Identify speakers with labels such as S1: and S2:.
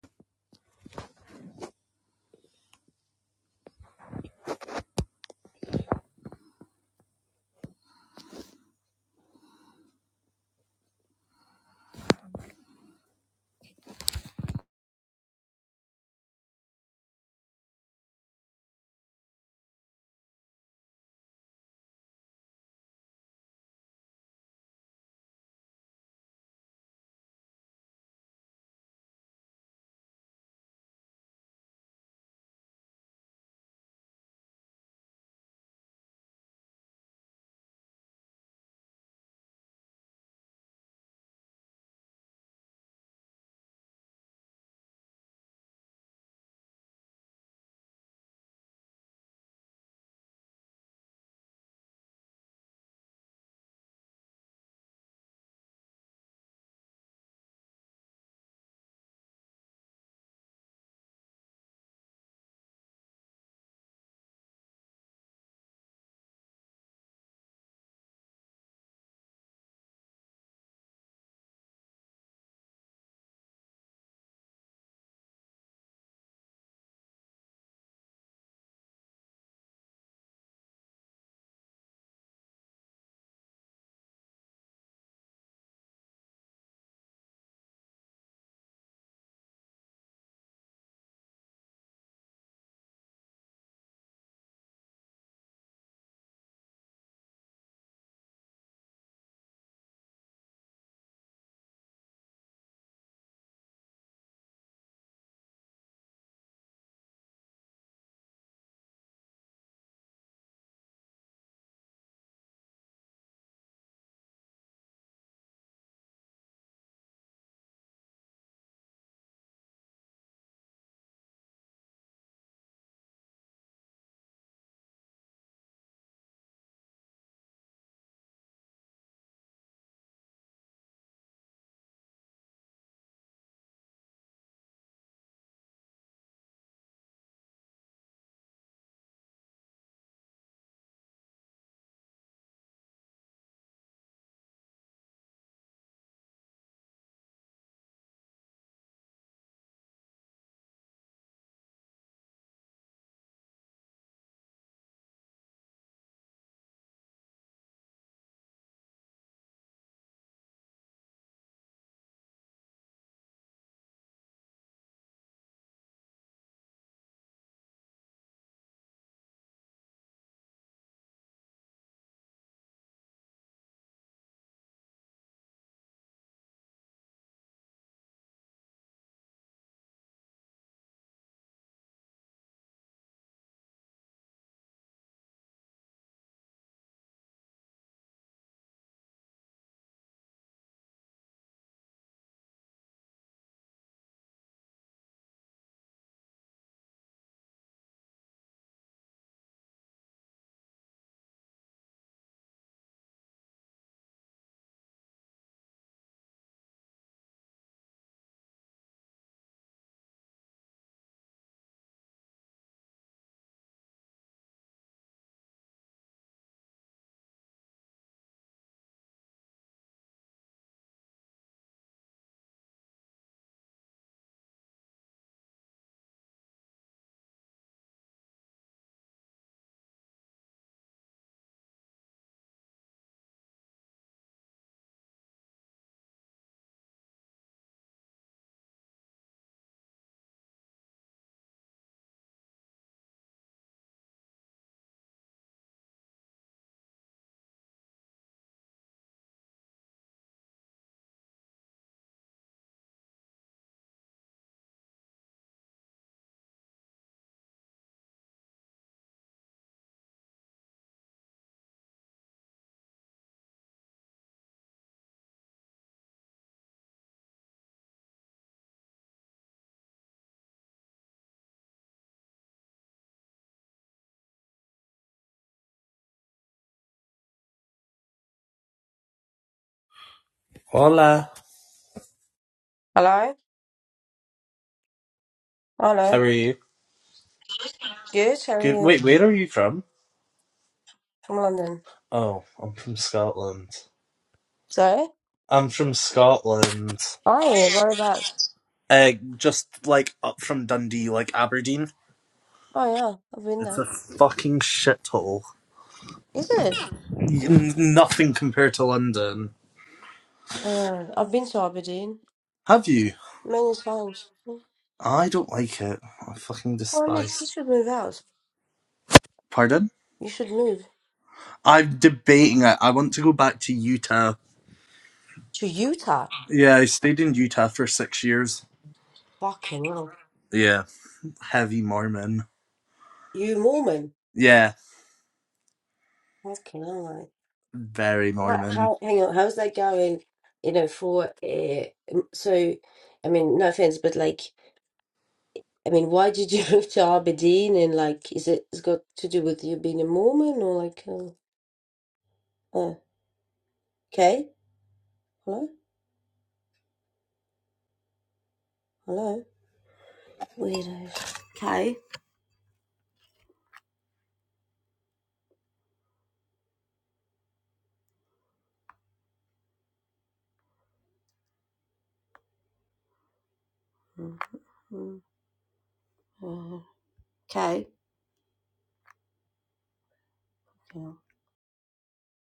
S1: Hola,
S2: Hello?
S1: how
S2: Hello.
S1: are you?
S2: Good? How are
S1: Good.
S2: you?
S1: Wait, where are you from?
S2: From London.
S1: Oh, I'm from Scotland.
S2: Sorry?
S1: I'm from Scotland.
S2: Oh, yeah.
S1: Oh,
S2: Whereabouts?
S1: whereabouts? Uh, just like up from Dundee, like Aberdeen.
S2: Oh, yeah. I've been
S1: It's
S2: there.
S1: a fucking shithole.
S2: Is it?
S1: N- Nothing compared to London.
S2: Uh, I've been to Aberdeen
S1: Have you?
S2: many times.
S1: I don't like it. I fucking
S2: Oh, mate, you
S1: despise.
S2: should move out.
S1: Pardon?
S2: You should move
S1: I'm debating it. I want to go back to Utah.
S2: to Utah.
S1: Yeah, I stayed in Utah for six years.
S2: Fucking hell.
S1: Yeah. Heavy Mormon.
S2: You Mormon.
S1: Yeah,
S2: Fucking hell, mate.
S1: very
S2: Right,
S1: Mormon.
S2: How, hang on. How's that going? You know, for. Uh, m- so, I mean, no offense, but like, I mean, why did you move to Aberdeen? And like, is it, it's got to do with you being a Mormon or like. uh, Okay. Hello? Hello? Weirdos. Okay. Kay?